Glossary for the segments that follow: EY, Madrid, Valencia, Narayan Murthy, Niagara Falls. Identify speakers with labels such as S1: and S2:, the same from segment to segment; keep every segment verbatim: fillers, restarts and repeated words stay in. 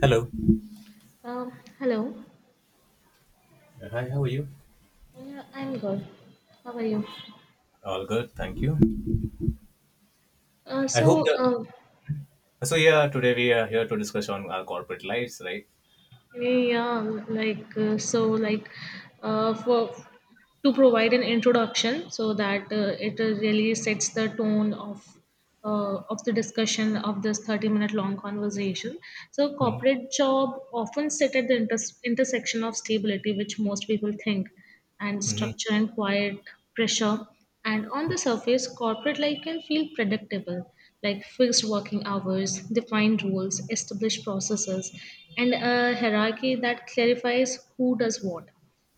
S1: Hello.
S2: Um, hello.
S1: Uh, Hi, how are you?
S2: Yeah, I'm good. How are you?
S1: All good. Thank you.
S2: Uh,
S1: I hope
S2: so,
S1: that.
S2: uh,
S1: so yeah. today we are here to discuss on our corporate lives, right?
S2: yeah, like, uh, so, like, uh, for to provide an introduction so that uh, it uh, really sets the tone of uh, of the discussion of this thirty minute long conversation. So,
S1: Mm-hmm.
S2: corporate job often sit at the inters- intersection of stability, which most people think, and
S1: hmm
S2: structure and quiet pressure. And on the surface, corporate life can feel predictable, like fixed working hours, defined rules, established processes, and a hierarchy that clarifies who does what.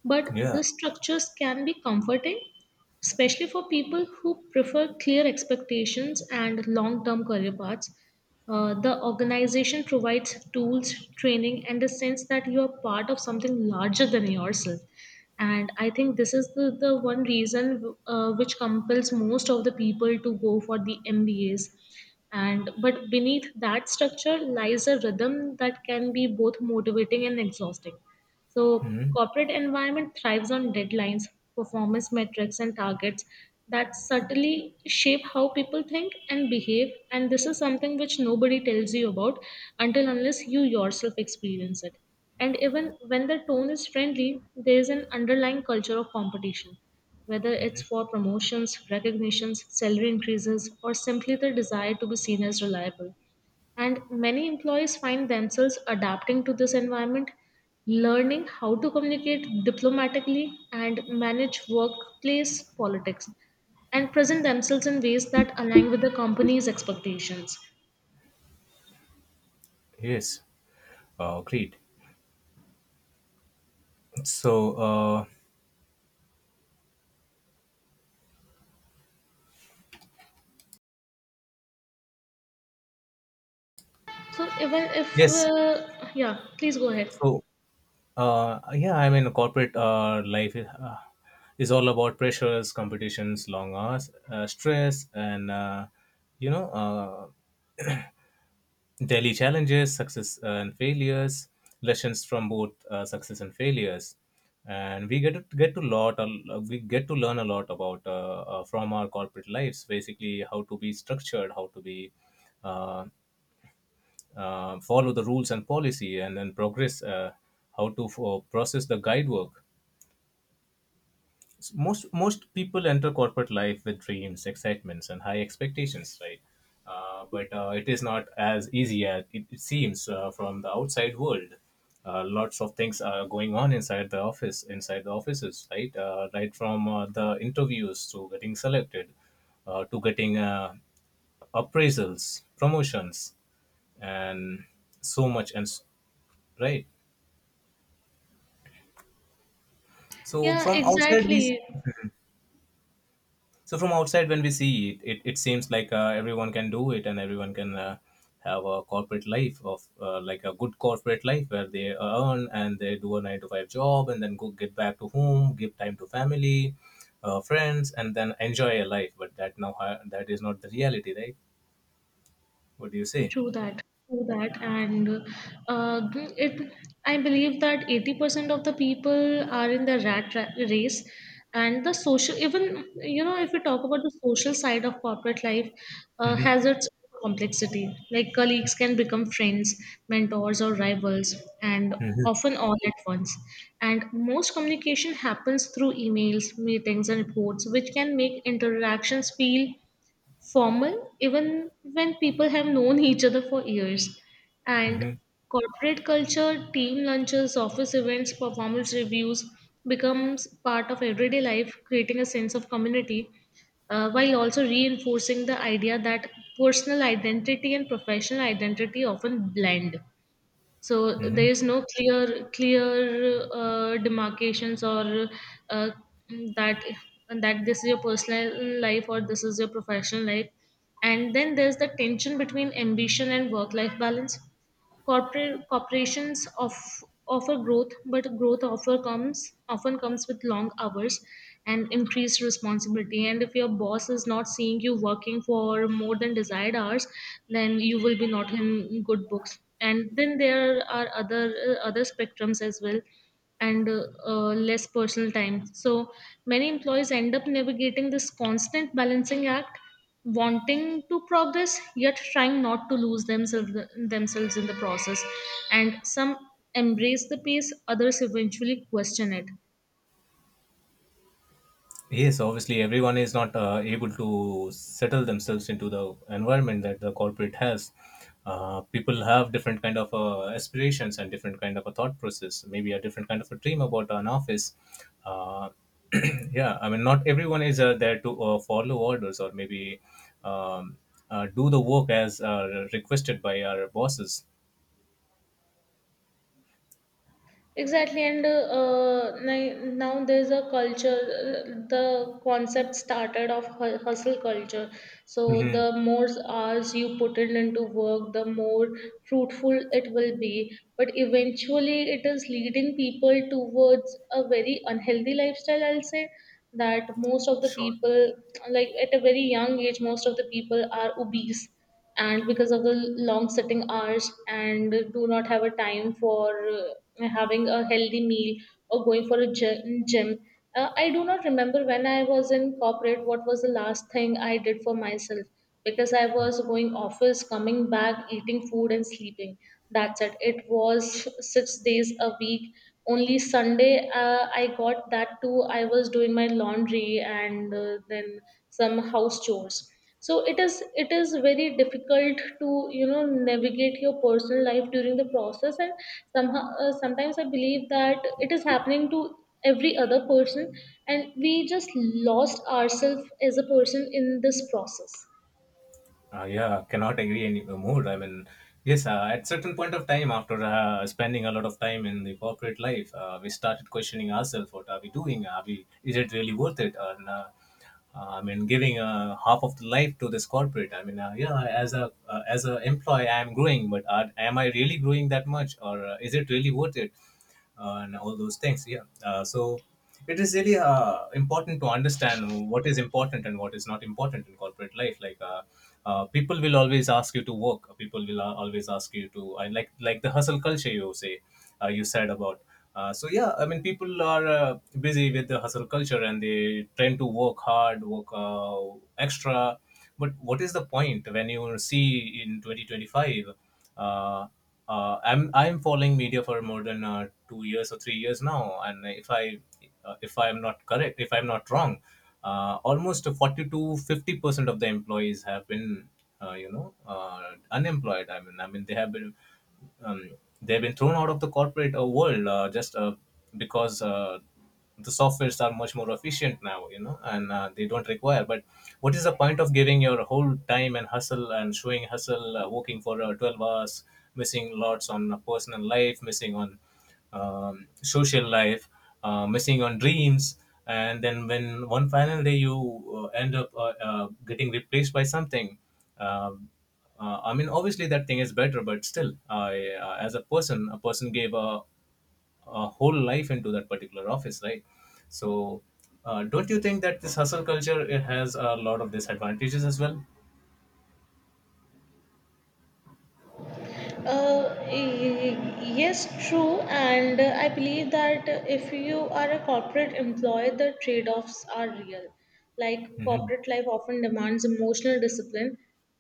S2: But
S1: Yeah.
S2: these structures can be comforting, especially for people who prefer clear expectations and long term career paths. Uh, the organization provides tools, training, and a sense that you are part of something larger than yourself. And I think this is the, the one reason, uh, which compels most of the people to go for the M B As. And but beneath that structure lies a rhythm that can be both motivating and exhausting. So
S1: Mm-hmm.
S2: corporate environment thrives on deadlines, performance metrics and targets that subtly shape how people think and behave, and this is something which nobody tells you about until unless you yourself experience it. And even when the tone is friendly, there is an underlying culture of competition, whether it's
S1: hmm
S2: for promotions, recognitions, salary increases, or simply the desire to be seen as reliable. And many employees find themselves adapting to this environment, learning how to communicate diplomatically and manage workplace politics, and present themselves in ways that align with the company's expectations.
S1: Yes. Uh, great. So uh,
S2: So, even if,
S1: yes.
S2: uh, Yeah, please go ahead.
S1: So uh, yeah. I mean, corporate uh, life is, uh, is all about pressures, competitions, long hours, uh, stress, and uh, you know uh, daily challenges, success uh, and failures, lessons from both uh, success and failures, and we get to get to lot uh, we get to learn a lot about uh, uh, from our corporate lives. Basically, how to be structured, how to be uh, uh, follow the rules and policy, and then progress. Uh, how to uh, process the guide work most most people enter corporate life with dreams, excitements, and high expectations, right? Uh, but uh, it is not as easy as it, it seems uh, from the outside world. Uh, lots of things are going on inside the office, inside the offices, right? Uh, right from uh, the interviews to getting selected uh, to getting uh, appraisals, promotions, and so much and s- right. so
S2: Yeah,
S1: from outside we
S2: exactly.
S1: So from outside, when we see it, it, it seems like uh, everyone can do it and everyone can uh, have a corporate life of uh, like a good corporate life where they earn and they do a nine to five job and then go get back to home, give time to family, uh, friends, and then enjoy a life. But that now uh, that is not the reality, right? What do you say?
S2: True that, true that, and uh, it. I believe that eighty percent of the people are in the rat ra- race, and the social. Even you know, if we talk about the social side of corporate life, uh, has its complexity. Like colleagues can become friends, mentors, or rivals, and
S1: hmm
S2: often all at once. And most communication happens through emails, meetings, and reports, which can make interactions feel formal even when people have known each other for years. And
S1: hmm
S2: corporate culture, team lunches, office events, performance reviews becomes part of everyday life, creating a sense of community, uh, while also reinforcing the idea that personal identity and professional identity often blend, so
S1: hmm
S2: there is no clear clear uh, demarcations, or uh, that that this is your personal life or this is your professional life. And then there's the tension between ambition and work life balance. Corporate corporations of, offer growth, but growth offer comes often comes with long hours and increased responsibility. And if your boss is not seeing you working for more than desired hours, then you will be not in good books. And then there are other uh, other spectrums as well, and uh, uh, less personal time. So many employees end up navigating this constant balancing act, wanting to progress yet trying not to lose themselves themselves in the process. And some embrace the pace, others eventually question it.
S1: Yes, obviously, everyone is not uh, able to settle themselves into the environment that the corporate has. Uh, people have different kind of uh, aspirations and different kind of a thought process. Maybe a different kind of a dream about an office. Uh, yeah, I mean, not everyone is uh, there to uh, follow orders or maybe um, uh, do the work as uh, requested by our bosses.
S2: Exactly, and uh, uh, ni- now there's a culture. uh, The concept started of hu- hustle culture. So
S1: hmm
S2: the more hours you put in into work, the more fruitful it will be. But eventually, it is leading people towards a very unhealthy lifestyle. I'll say that most of the
S1: Sure.
S2: people, like at a very young age, most of the people are obese, and because of the long sitting hours and do not have a time for uh, having a healthy meal or going for a gy- gym. Uh, I do not remember when I was in corporate what was the last thing I did for myself, because I was going office, coming back, eating food and sleeping. That's it. It was six days a week, only Sunday, uh, I got that too. I was doing my laundry and uh, then some house chores. So it is it is very difficult to you know navigate your personal life during the process, and somehow uh, sometimes I believe that it is happening to every other person, and we just lost ourselves as a person in this process.
S1: Uh, yeah, cannot agree any more. I mean, yes, uh, at certain point of time, after uh, spending a lot of time in the corporate life, uh, we started questioning ourselves: What are we doing? Are we? Is it really worth it? And uh, uh, I mean, giving uh, half of the life to this corporate. I mean, uh, yeah, as a uh, as a employee, I am growing, but are, am I really growing that much, or uh, is it really worth it? Uh, and all those things. Yeah. Uh, so it is really uh, important to understand what is important and what is not important in corporate life. Like uh, uh, people will always ask you to work. People will uh, always ask you to I like like the hustle culture you say uh, you said about. Uh, so yeah, I mean people are uh, busy with the hustle culture and they tend to work hard, work uh, extra. But what is the point when you see in twenty twenty-five? Uh, uh, I'm I'm following media for more than uh, two years or three years now, and if I uh, if I am not correct, if I'm not wrong, uh, almost forty to fifty percent of the employees have been uh, you know uh, unemployed. I mean, I mean they have been um, they've been thrown out of the corporate uh, world uh, just uh, because. Uh, the softwares are much more efficient now, you know, and uh, they don't require, but what is the point of giving your whole time and hustle and showing hustle, uh, working for uh, twelve hours, missing lots on uh, personal life, missing on um, social life, uh, missing on dreams, and then when one final day you uh, end up uh, uh, getting replaced by something, um, uh, I mean, obviously that thing is better, but still, I, uh, as a person, a person gave a uh, whole life into that particular office, right? So, uh, don't you think that this hustle culture, it has a lot of disadvantages as well?
S2: Uh, y- yes, true, and uh, I believe that, uh, if you are a corporate employee, the trade-offs are real. Like
S1: hmm
S2: corporate life often demands emotional discipline,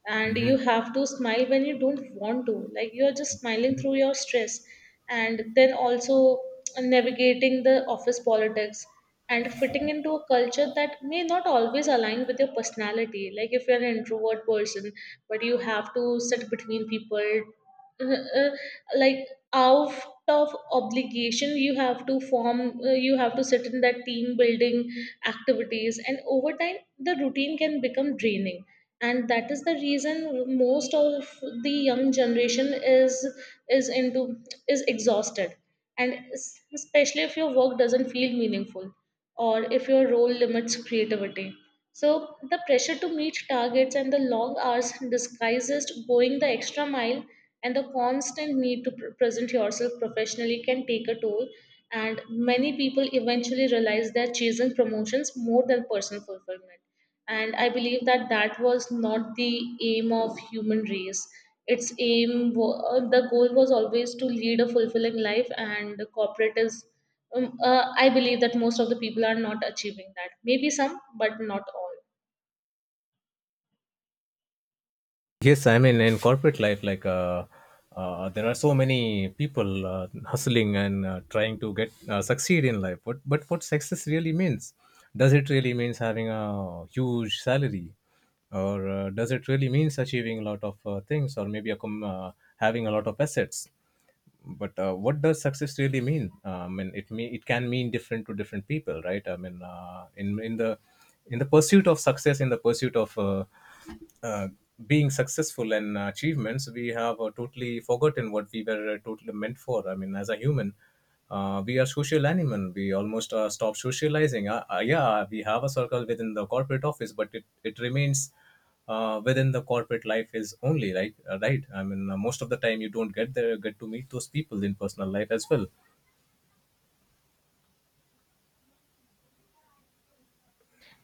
S2: and you
S1: hmm
S2: have to smile when you don't want to. Like you are just smiling through your stress, and then also navigating the office politics and fitting into a culture that may not always align with your personality. Like if you're an introvert person, but you have to sit between people, uh, uh, like out of obligation, you have to form uh, you have to sit in that team building activities. And over time, the routine can become draining, and that is the reason most of the young generation is is into is exhausted, and es- especially if your work doesn't feel meaningful, or if your role limits creativity. So the pressure to meet targets and the long hours disguises going the extra mile, and the constant need to pr- present yourself professionally can take a toll, and many people eventually realize they're chasing promotions more than personal fulfillment. And I believe that that was not the aim of human race. Its aim wa- uh, the goal was always to lead a fulfilling life, and the corporate is, um, uh, I believe that most of the people are not achieving that, maybe some but not all.
S1: Yes, I mean in corporate life, like uh, uh, there are so many people uh, hustling and uh, trying to get uh, succeed in life. What, but what success really means? Does it really means having a huge salary, or uh, does it really means achieving a lot of uh, things, or maybe a com- uh, having a lot of assets? But uh, what does success really mean? Uh, I mean, it mean it can mean different to different people, right? I mean uh, in in the in the pursuit of success, in the pursuit of uh, uh, being successful and uh, achievements, we have uh, totally forgotten what we were uh, totally meant for. I mean, as a human, uh, we are social animal, we almost uh, stop socializing. Uh, uh, yeah, we have a circle within the corporate office, but it, it remains uh, within the corporate life is only, right? Uh, right, I mean uh, most of the time you don't get there get to meet those people in personal life as well.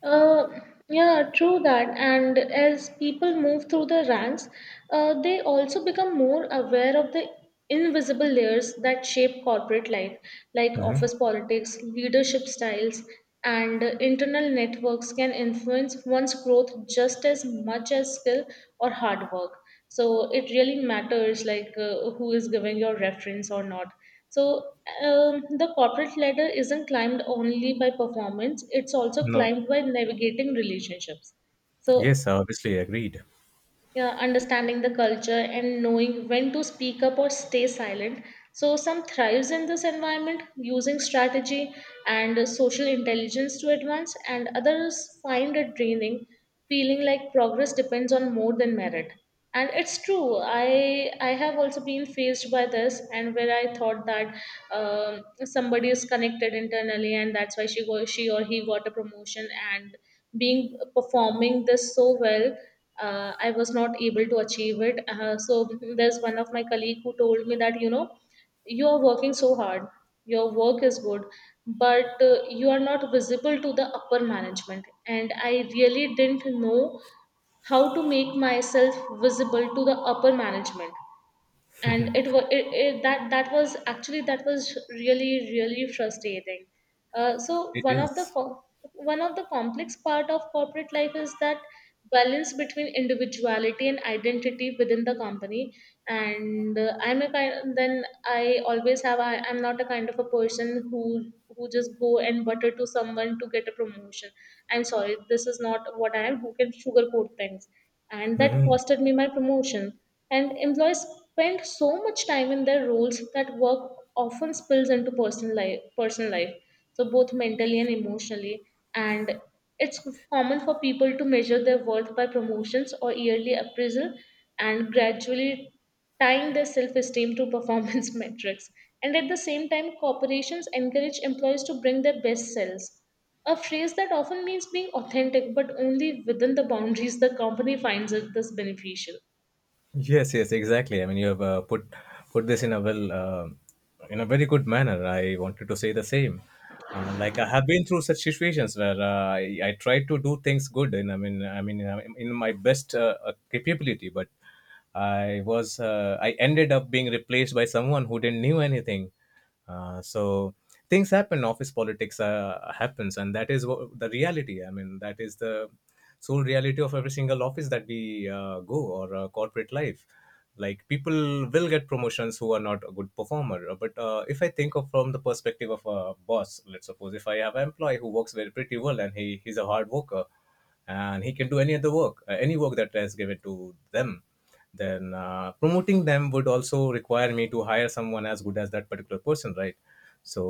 S2: Uh, yeah, true that. And as people move through the ranks, uh, they also become more aware of the invisible layers that shape corporate life, like
S1: hmm
S2: office politics, leadership styles, and internal networks can influence one's growth just as much as skill or hard work. So it really matters, like, uh, who is giving your reference or not. So, um, the corporate ladder isn't climbed only by performance, it's also
S1: no.
S2: climbed by navigating relationships. So
S1: Yes, obviously agreed.
S2: yeah, understanding the culture and knowing when to speak up or stay silent. So, some thrives in this environment using strategy and uh, social intelligence to advance, and others find it draining, feeling like progress depends on more than merit. And it's true, I, I have also been faced by this, and where I thought that um, somebody is connected internally, and that's why she, go, she or he got a promotion, and being performing this so well, uh, I was not able to achieve it. Uh, so there's one of my colleague who told me that you know you are working so hard, your work is good, but uh, you are not visible to the upper management. And I really didn't know how to make myself visible to the upper management. And it was it, it, that that was actually that was really really frustrating. Uh, so
S1: It
S2: one of the
S1: is.
S2: co- one of the complex part of corporate life is that balance between individuality and identity within the company. And uh, I'm a kind then I always have I, I'm not a kind of a person who who just go and butter to someone to get a promotion. I'm sorry, this is not what I am, who can sugarcoat things, and that
S1: Mhm.
S2: costed me my promotion. And employees spend so much time in their roles that work often spills into personal life personal life, so both mentally and emotionally. And it's common for people to measure their worth by promotions or yearly appraisal, and gradually tying their self-esteem to performance metrics. And at the same time, corporations encourage employees to bring their best selves, a phrase that often means being authentic but only within the boundaries the company finds it this beneficial.
S1: Yes, yes, exactly. I mean, you have uh, put put this in a well, uh, in a very good manner. I wanted to say the same. Uh, like I have been through such situations where uh, I, I tried to do things good, and I mean, I mean, uh, in my best uh, uh, capability, but I was uh, I ended up being replaced by someone who didn't knew anything. Uh, so things happen, office politics uh, happens, and that is what the reality. I mean, that is the sole reality of every single office that we uh, go or uh, corporate life. Like people will get promotions who are not a good performer. Uh, but uh, if I think of from the perspective of a boss, let's suppose if I have an employee who works very pretty well and he he's a hard worker, and he can do any other work, uh, any work that is given to them, then uh, promoting them would also require me to hire someone as good as that particular person, right? So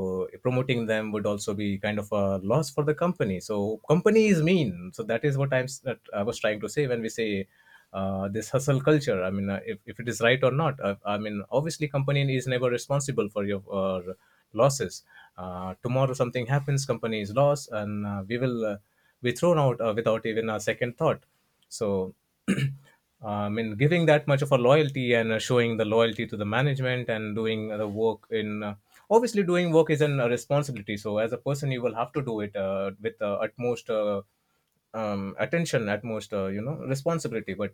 S1: promoting them would also be kind of a loss for the company. So company is mean, so that is what i'm s- that I was trying to say when we say uh, this hustle culture. I mean uh, if, if it is right or not. I, I mean, obviously company is never responsible for your uh, losses. Uh, tomorrow something happens, company is lost, and uh, we will uh, be thrown out uh, without even a second thought. So I mean, giving that much of a loyalty and uh, showing the loyalty to the management and doing the work in uh, obviously doing work is an, a responsibility. So as a person, you will have to do it uh, with uh, utmost uh, um, attention, utmost uh, you know responsibility. But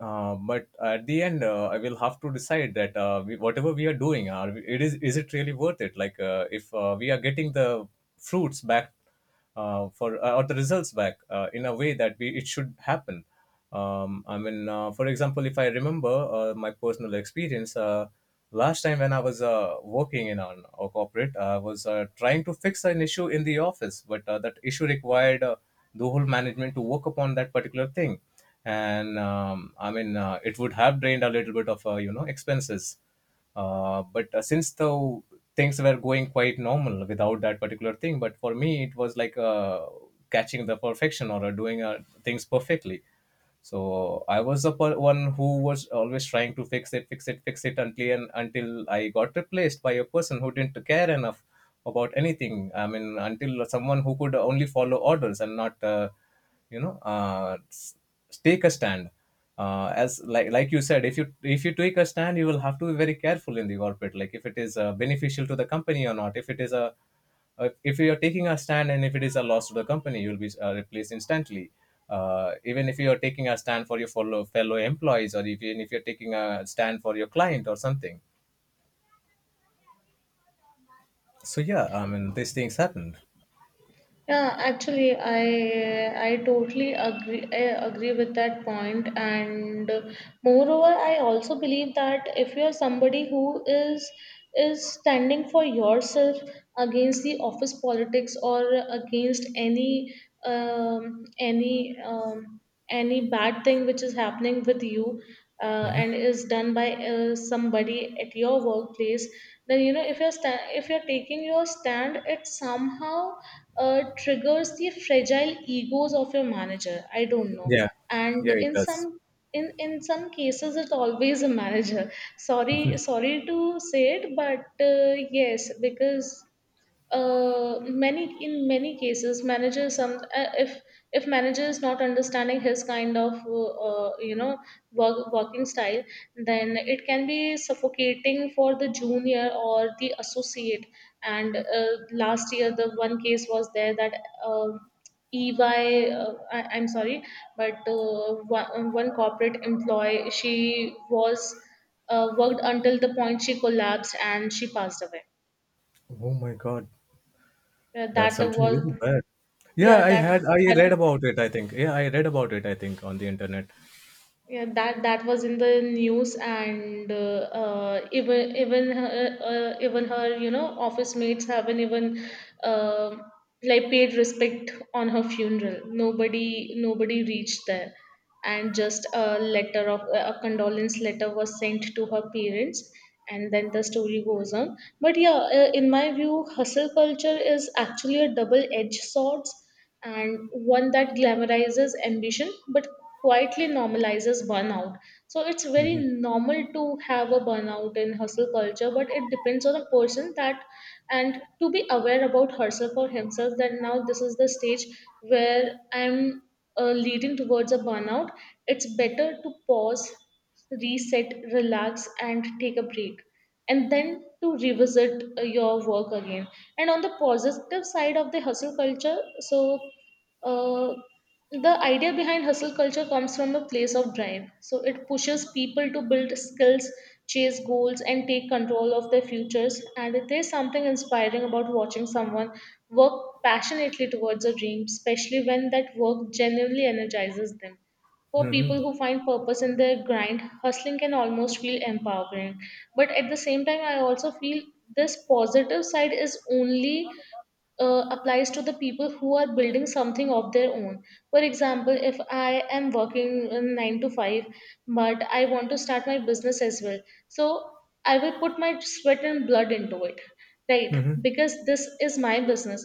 S1: uh, but at the end, uh, I will have to decide that uh, we, whatever we are doing, are we, it is is it really worth it? Like uh, if uh, we are getting the fruits back uh, for uh, or the results back uh, in a way that we, it should happen. Um, I mean, uh, for example, if I remember uh, my personal experience, uh, last time when I was uh, working in an, a corporate, I was uh, trying to fix an issue in the office, but uh, that issue required uh, the whole management to work upon that particular thing. And um, I mean uh, it would have drained a little bit of uh, you know expenses, uh, but uh, since the things were going quite normal without that particular thing, but for me it was like uh, catching the perfection or uh, doing uh, things perfectly. So I was the per- one who was always trying to fix it, fix it, fix it, until and until I got replaced by a person who didn't care enough about anything. I mean, until someone who could only follow orders and not uh, you know uh, s- take a stand. Uh, as like like you said, if you if you take a stand, you will have to be very careful in the corporate, like if it is uh, beneficial to the company or not. If it is a uh, if you are taking a stand and if it is a loss to the company, you will be uh, replaced instantly. Uh, even if you are taking a stand for your fellow fellow employees, or even if you're taking a stand for your client or something. So yeah, I mean these things happened.
S2: Yeah, actually, I I totally agree, I agree with that point. And moreover, I also believe that if you are somebody who is is standing for yourself against the office politics, or against any um, any um, any bad thing which is happening with you, uh, and is done by uh, somebody at your workplace, then, you know if you're sta- if you're taking your stand, it somehow uh, triggers the fragile egos of your manager. I don't know.
S1: Yeah,
S2: And
S1: yeah, it
S2: in
S1: does.
S2: some in in some cases, it's always a manager. Sorry, sorry to say it, but uh, yes, because uh, many in many cases, manager, some uh, if if manager is not understanding his kind of uh, uh, you know work, working style, then it can be suffocating for the junior or the associate. And uh, last year, the one case was there, that uh, E Y, uh, I, I'm sorry, but uh, one, one corporate employee, she was uh, worked until the point she collapsed and she passed away.
S1: Oh my god.
S2: Uh,
S1: That's
S2: that
S1: something
S2: was
S1: really bad. Yeah,
S2: Yeah,
S1: I
S2: that
S1: had I
S2: that
S1: read about it, I think. Yeah, I read about it, I think, on the internet.
S2: yeah, that that was in the news, and uh, uh, even even her, uh, uh, even her you know office mates haven't even uh, like paid respect on her funeral. Nobody nobody reached there, and just a letter of a condolence letter was sent to her parents, and then the story goes on. But yeah, uh, in my view, hustle culture is actually a double-edged sword and one that glamorizes ambition but quietly normalizes burnout. So it's very
S1: hmm
S2: normal to have a burnout in hustle culture, but it depends on a person that and to be aware about herself or himself that now this is the stage where I'm uh, leading towards a burnout. It's better to pause, reset, relax, and take a break. And then to revisit uh, your work again. And on the positive side of the hustle culture, so uh. The idea behind hustle culture comes from a place of drive. So it pushes people to build skills, chase goals, and take control of their futures. And there's something inspiring about watching someone work passionately towards a dream, especially when that work genuinely energizes them. For people who find purpose in their grind, hustling can almost feel empowering. But at the same time, I also feel this positive side is only uh, applies to the people who are building something of their own. For example, if I am working in nine to five, but I want to start my business as well. So I will put my sweat and blood into it, right? Because this is my business.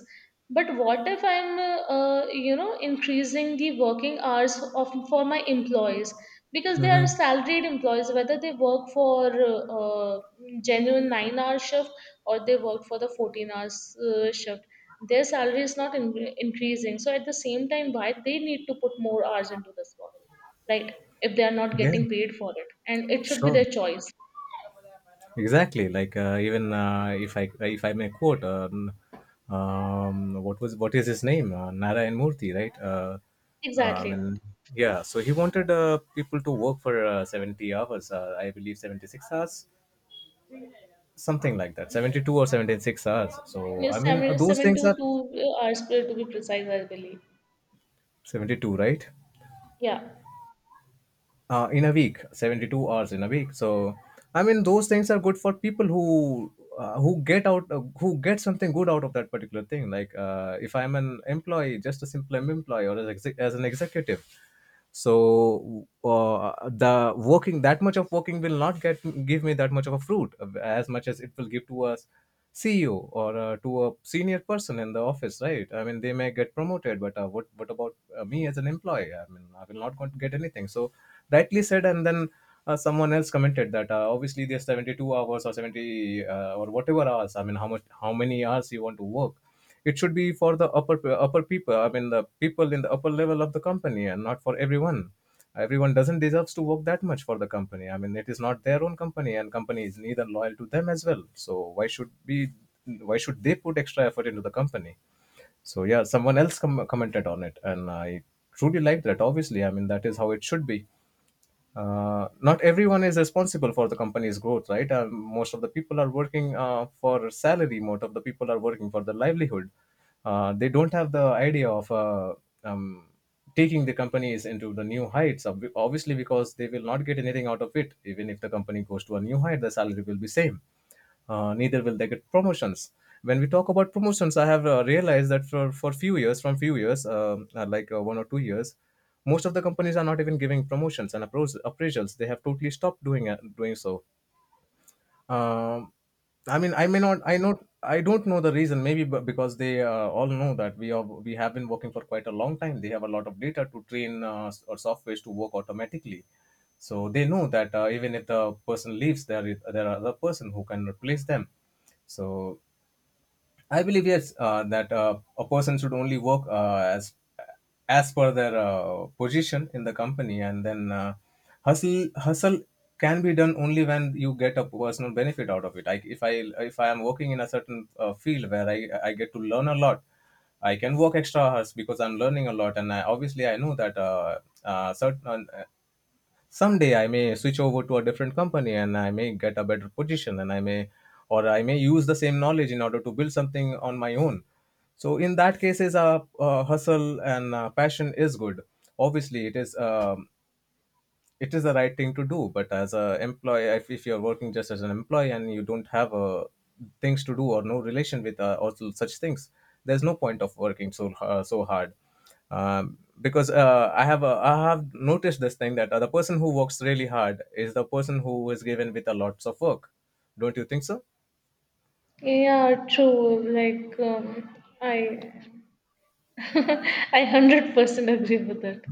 S2: But what if I'm, uh, uh, you know, increasing the working hours of for my employees because they
S1: hmm
S2: are salaried employees, whether they work for uh, uh, genuine nine-hour shift or they work for the fourteen-hours uh, shift, their salary is not in- increasing. So at the same time, why they need to put more hours into this work, right, if they are not
S1: Yeah,
S2: getting paid for it? And it should be
S1: sure.
S2: their choice.
S1: Exactly. Like uh, even uh, if I if I may quote um, um what was what is his name? Uh, Narayan Murthy, right? Uh, uh, I
S2: Exactly.
S1: mean, yeah. So he wanted uh, people to work for uh, seventy hours, uh, I believe seventy-six hours, something like that. seventy-two or seventy-six hours. So I
S2: Yes,
S1: mean, uh,
S2: seven,
S1: those
S2: seven
S1: things
S2: to
S1: are
S2: two uh, hours per- to be precise, I believe.
S1: seventy-two, right?
S2: Yeah.
S1: Uh, in a week, seventy-two hours in a week. So I mean, those things are good for people who uh, who get out uh, who get something good out of that particular thing. Like uh, if I'm an employee, just a simple employee, or as, exe- as an executive, so uh, the working that much of working will not get give me that much of a fruit uh, as much as it will give to a CEO or uh, to a senior person in the office, right? I mean, they may get promoted, but uh, what what about uh, me as an employee? I mean, I will not going to get anything. So rightly said. And then uh, someone else commented that uh, obviously there's seventy-two hours or seventy, uh, or whatever hours. I mean, how much how many hours you want to work, it should be for the upper upper people. I mean, the people in the upper level of the company, and not for everyone. Everyone doesn't deserves to work that much for the company. I mean, it is not their own company, and company is neither loyal to them as well. So why should be why should they put extra effort into the company? So yeah, someone else com- commented on it, and I truly liked that. Obviously, I mean, that is how it should be. Uh, not everyone is responsible for the company's growth, right? Uh, most of the people are working uh, for salary. Most of the people are working for the livelihood. Uh, they don't have the idea of uh, um, taking the companies into the new heights. ob- Obviously, because they will not get anything out of it. Even if the company goes to a new height, the salary will be same. Uh, neither will they get promotions. When we talk about promotions, I have uh, realized that for for few years from few years, um, uh, like uh, one or two years, most of the companies are not even giving promotions and appros- appraisals. They have totally stopped doing uh, doing so. um, I mean, I may not, I not, I don't know the reason. Maybe b- because they uh, all know that we are, we have been working for quite a long time. They have a lot of data to train uh, s- or softwares to work automatically. So they know that uh, even if the person leaves, there is there are other person who can replace them. So I believe yes, uh, that uh, a person should only work uh, as as per their uh, position in the company, and then uh, hustle hustle can be done only when you get a personal benefit out of it. Like if I if I am working in a certain uh, field where I I get to learn a lot, I can work extra hours because I'm learning a lot, and I, obviously I know that uh, uh, certain someday I may switch over to a different company and I may get a better position, and I may or I may use the same knowledge in order to build something on my own. So in that cases, uh, uh, hustle and uh, passion is good. Obviously, it is. Um it is the right thing to do. But as a employee, if, if you're working just as an employee and you don't have uh, things to do or no relation with uh, also such things, there's no point of working so uh, so hard. Um, because uh, i have a, I have noticed this thing that uh, the person who works really hard is the person who is given with a lots of work. Don't you think so?
S2: Yeah, true. like um, I I one hundred percent agree with it.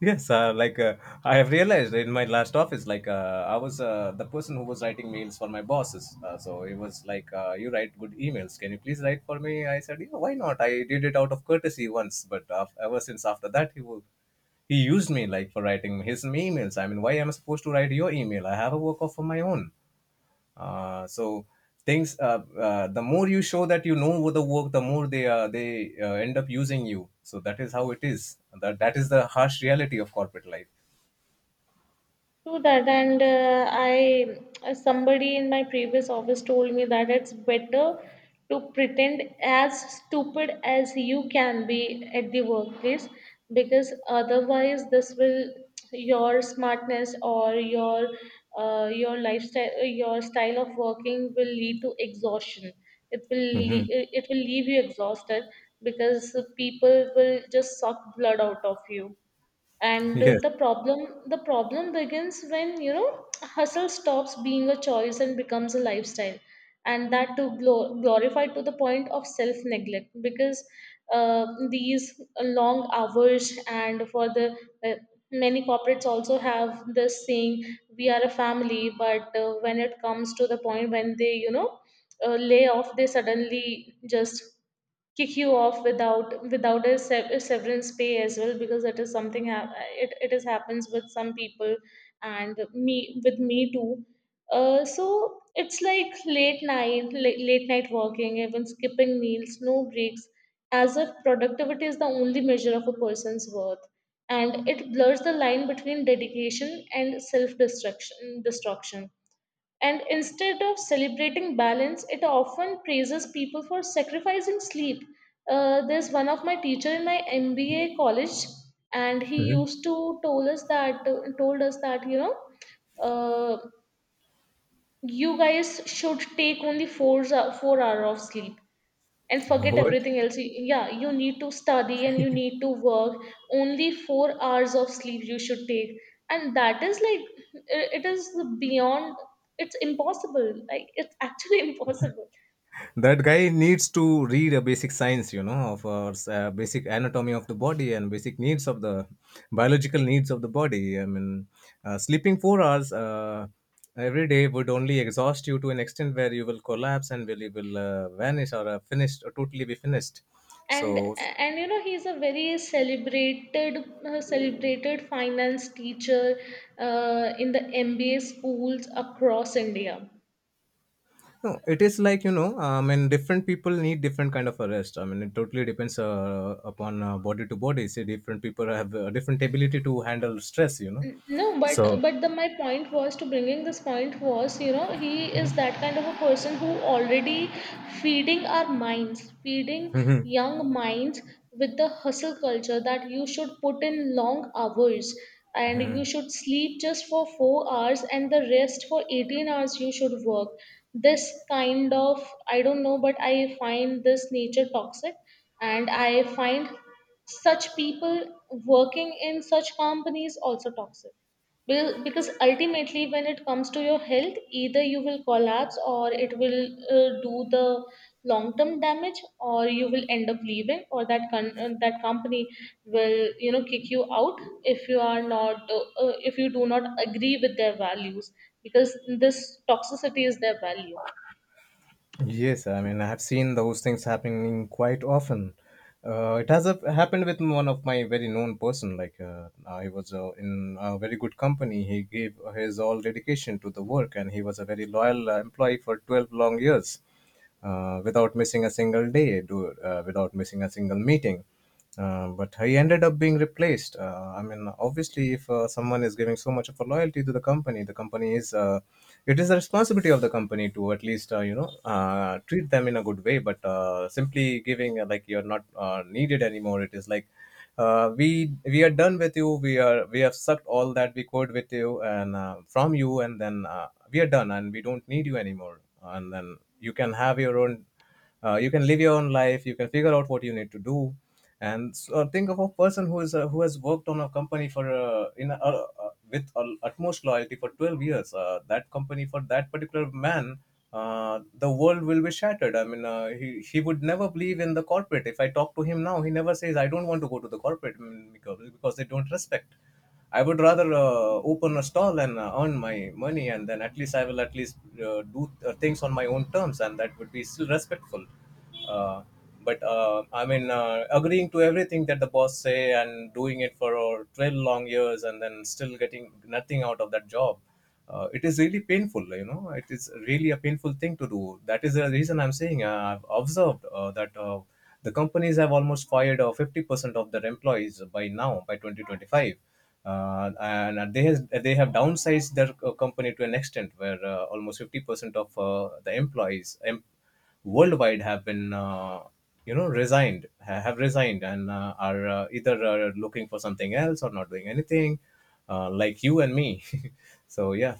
S1: Yes, uh, like uh, I have realized in my last office, like uh, I was uh, the person who was writing mails for my bosses. Uh, so it was like, uh, you write good emails. Can you please write for me? I said, yeah, why not? I did it out of courtesy once, but af ever since after that, he would he used me like for writing his emails. I mean, why am I supposed to write your email? I have a work of my own. Uh, so things uh, uh, The more you show that you know the work, the more they uh, they uh, end up using you. So that is how it is. That that is the harsh reality of corporate life.
S2: True that, and uh, I uh, somebody in my previous office told me that it's better to pretend as stupid as you can be at the workplace, because otherwise this will, your smartness or your uh, your lifestyle, uh, your style of working will lead to exhaustion. It will
S1: hmm
S2: le- it will leave you exhausted because people will just suck blood out of you. And uh,
S1: Yes.
S2: the problem the problem begins when you know hustle stops being a choice and becomes a lifestyle, and that to glo- glorify to the point of self neglect. Because uh, these long hours and for the uh, many corporates also have this saying, we are a family. But uh, when it comes to the point when they you know uh, lay off, they suddenly just kick you off without without a sever- severance pay as well. Because it is something hap- it, it is happens with some people, and me with me too. Uh, so it's like late night, late, late night working, even skipping meals, no breaks, as if productivity is the only measure of a person's worth. And it blurs the line between dedication and self destruction destruction. And instead of celebrating balance, it often praises people for sacrificing sleep. Uh, there's one of my teacher in my M B A college, and he
S1: hmm
S2: used to told us that told us that you know uh, you guys should take only four hou- four hour of sleep and forget
S1: What?
S2: everything else. Y- Yeah, you need to study and you need to work. Only four hours of sleep you should take, and that is like i- it is beyond. It's impossible. Like it's actually impossible.
S1: That guy needs to read a basic science, you know, of uh, s- uh, basic anatomy of the body and basic needs of the biological needs of the body. I mean, uh, sleeping four hours uh, every day would only exhaust you to an extent where you will collapse and will you will uh, vanish or uh, finished or totally be finished.
S2: And
S1: So
S2: and you know he's a very celebrated uh, celebrated finance teacher uh, in the M B A schools across India.
S1: no, it is like, you know, I mean, different people need different kind of a rest. I mean, it totally depends uh, upon uh, body to body. See, different people have uh, different ability to handle stress, you know.
S2: N- No, but
S1: So.
S2: but the my point was to bringing this point was you know he is
S1: Mhm.
S2: that kind of a person who already feeding our minds, feeding
S1: Mhm.
S2: young minds with the hustle culture, that you should put in long hours and you should sleep just for four hours and the rest for eighteen hours you should work. This kind of, I don't know, but I find this nature toxic, and I find such people working in such companies also toxic. Well, because ultimately when it comes to your health, either you will collapse or it will uh, do the long term damage, or you will end up leaving or that con- uh, that company will you know kick you out if you are not uh, uh, if you do not agree with their values, because this toxicity is their value.
S1: Yes, I mean, I have seen those things happening quite often. Uh, it has uh, happened with one of my very known person. Like uh, I was uh, in a very good company. He gave his all dedication to the work, and he was a very loyal uh, employee for twelve long years. Uh, without missing a single day, do uh, without missing a single meeting. Uh, but he ended up being replaced. Uh, I mean, obviously, if uh, someone is giving so much of a loyalty to the company, the company is uh, it is the responsibility of the company to at least uh, you know uh, treat them in a good way. But uh, simply giving uh, like you're not uh, needed anymore, it is like uh, we we are done with you. We are we have sucked all that we could with you and uh, from you, and then uh, we are done and we don't need you anymore, and then you can have your own uh, you can live your own life, you can figure out what you need to do. And so think of a person who is uh, who has worked on a company for uh, in a, a, with uh, utmost loyalty for twelve years. Uh, that company, for that particular man, uh, the world will be shattered. I mean, uh, he, he would never believe in the corporate. If I talk to him now, he never says, I don't want to go to the corporate mm, because because they don't respect. I would rather uh, open a stall and uh, earn my money, and then at least I will at least uh, do uh, things on my own terms, and that would be still respectful. Uh, but uh, I mean uh, Agreeing to everything that the boss say and doing it for uh, twelve long years and then still getting nothing out of that job, uh, it is really painful, you know. It is really a painful thing to do. That is the reason I'm saying uh, I've observed uh, that uh, the companies have almost fired uh, fifty percent of their employees by now by twenty twenty-five. Uh, and they has, they have downsized their uh, company to an extent where uh, almost fifty percent of uh, the employees em- worldwide have been uh, you know resigned ha- have resigned and uh, are uh, either uh, looking for something else or not doing anything, uh, like you and me. So yeah.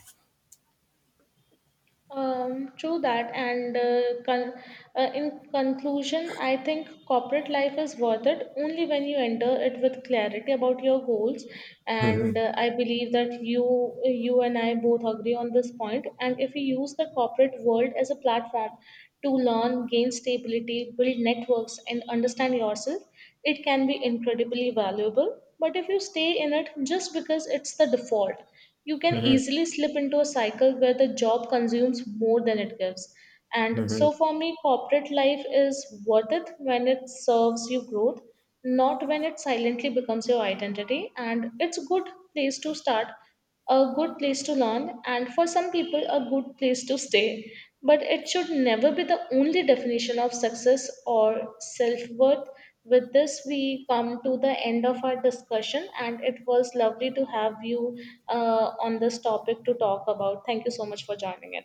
S2: Um, true that, and uh, con- uh, in conclusion, I think corporate life is worth it only when you enter it with clarity about your goals. And uh, I believe that you, you and I both agree on this point. And if we use the corporate world as a platform to learn, gain stability, build networks, and understand yourself, it can be incredibly valuable. But if you stay in it just because it's the default, you can
S1: Mhm.
S2: easily slip into a cycle where the job consumes more than it gives. And so, for me, corporate life is worth it when it serves you growth, not when it silently becomes your identity. And it's a good place to start a good place to learn, and for some people, a good place to stay. But it should never be the only definition of success or self worth. With this, we come to the end of our discussion, and it was lovely to have you uh, on this topic to talk about. Thank you so much for joining in.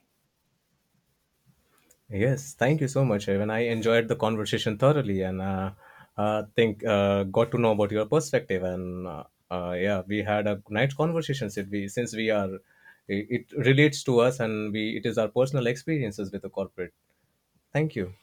S1: Yes, thank you so much, Evan. I enjoyed the conversation thoroughly, and uh, uh, think uh, got to know about your perspective, and uh, uh, yeah, we had a nice conversation. Since we since we are, it it relates to us, and we it is our personal experiences with the corporate. Thank you.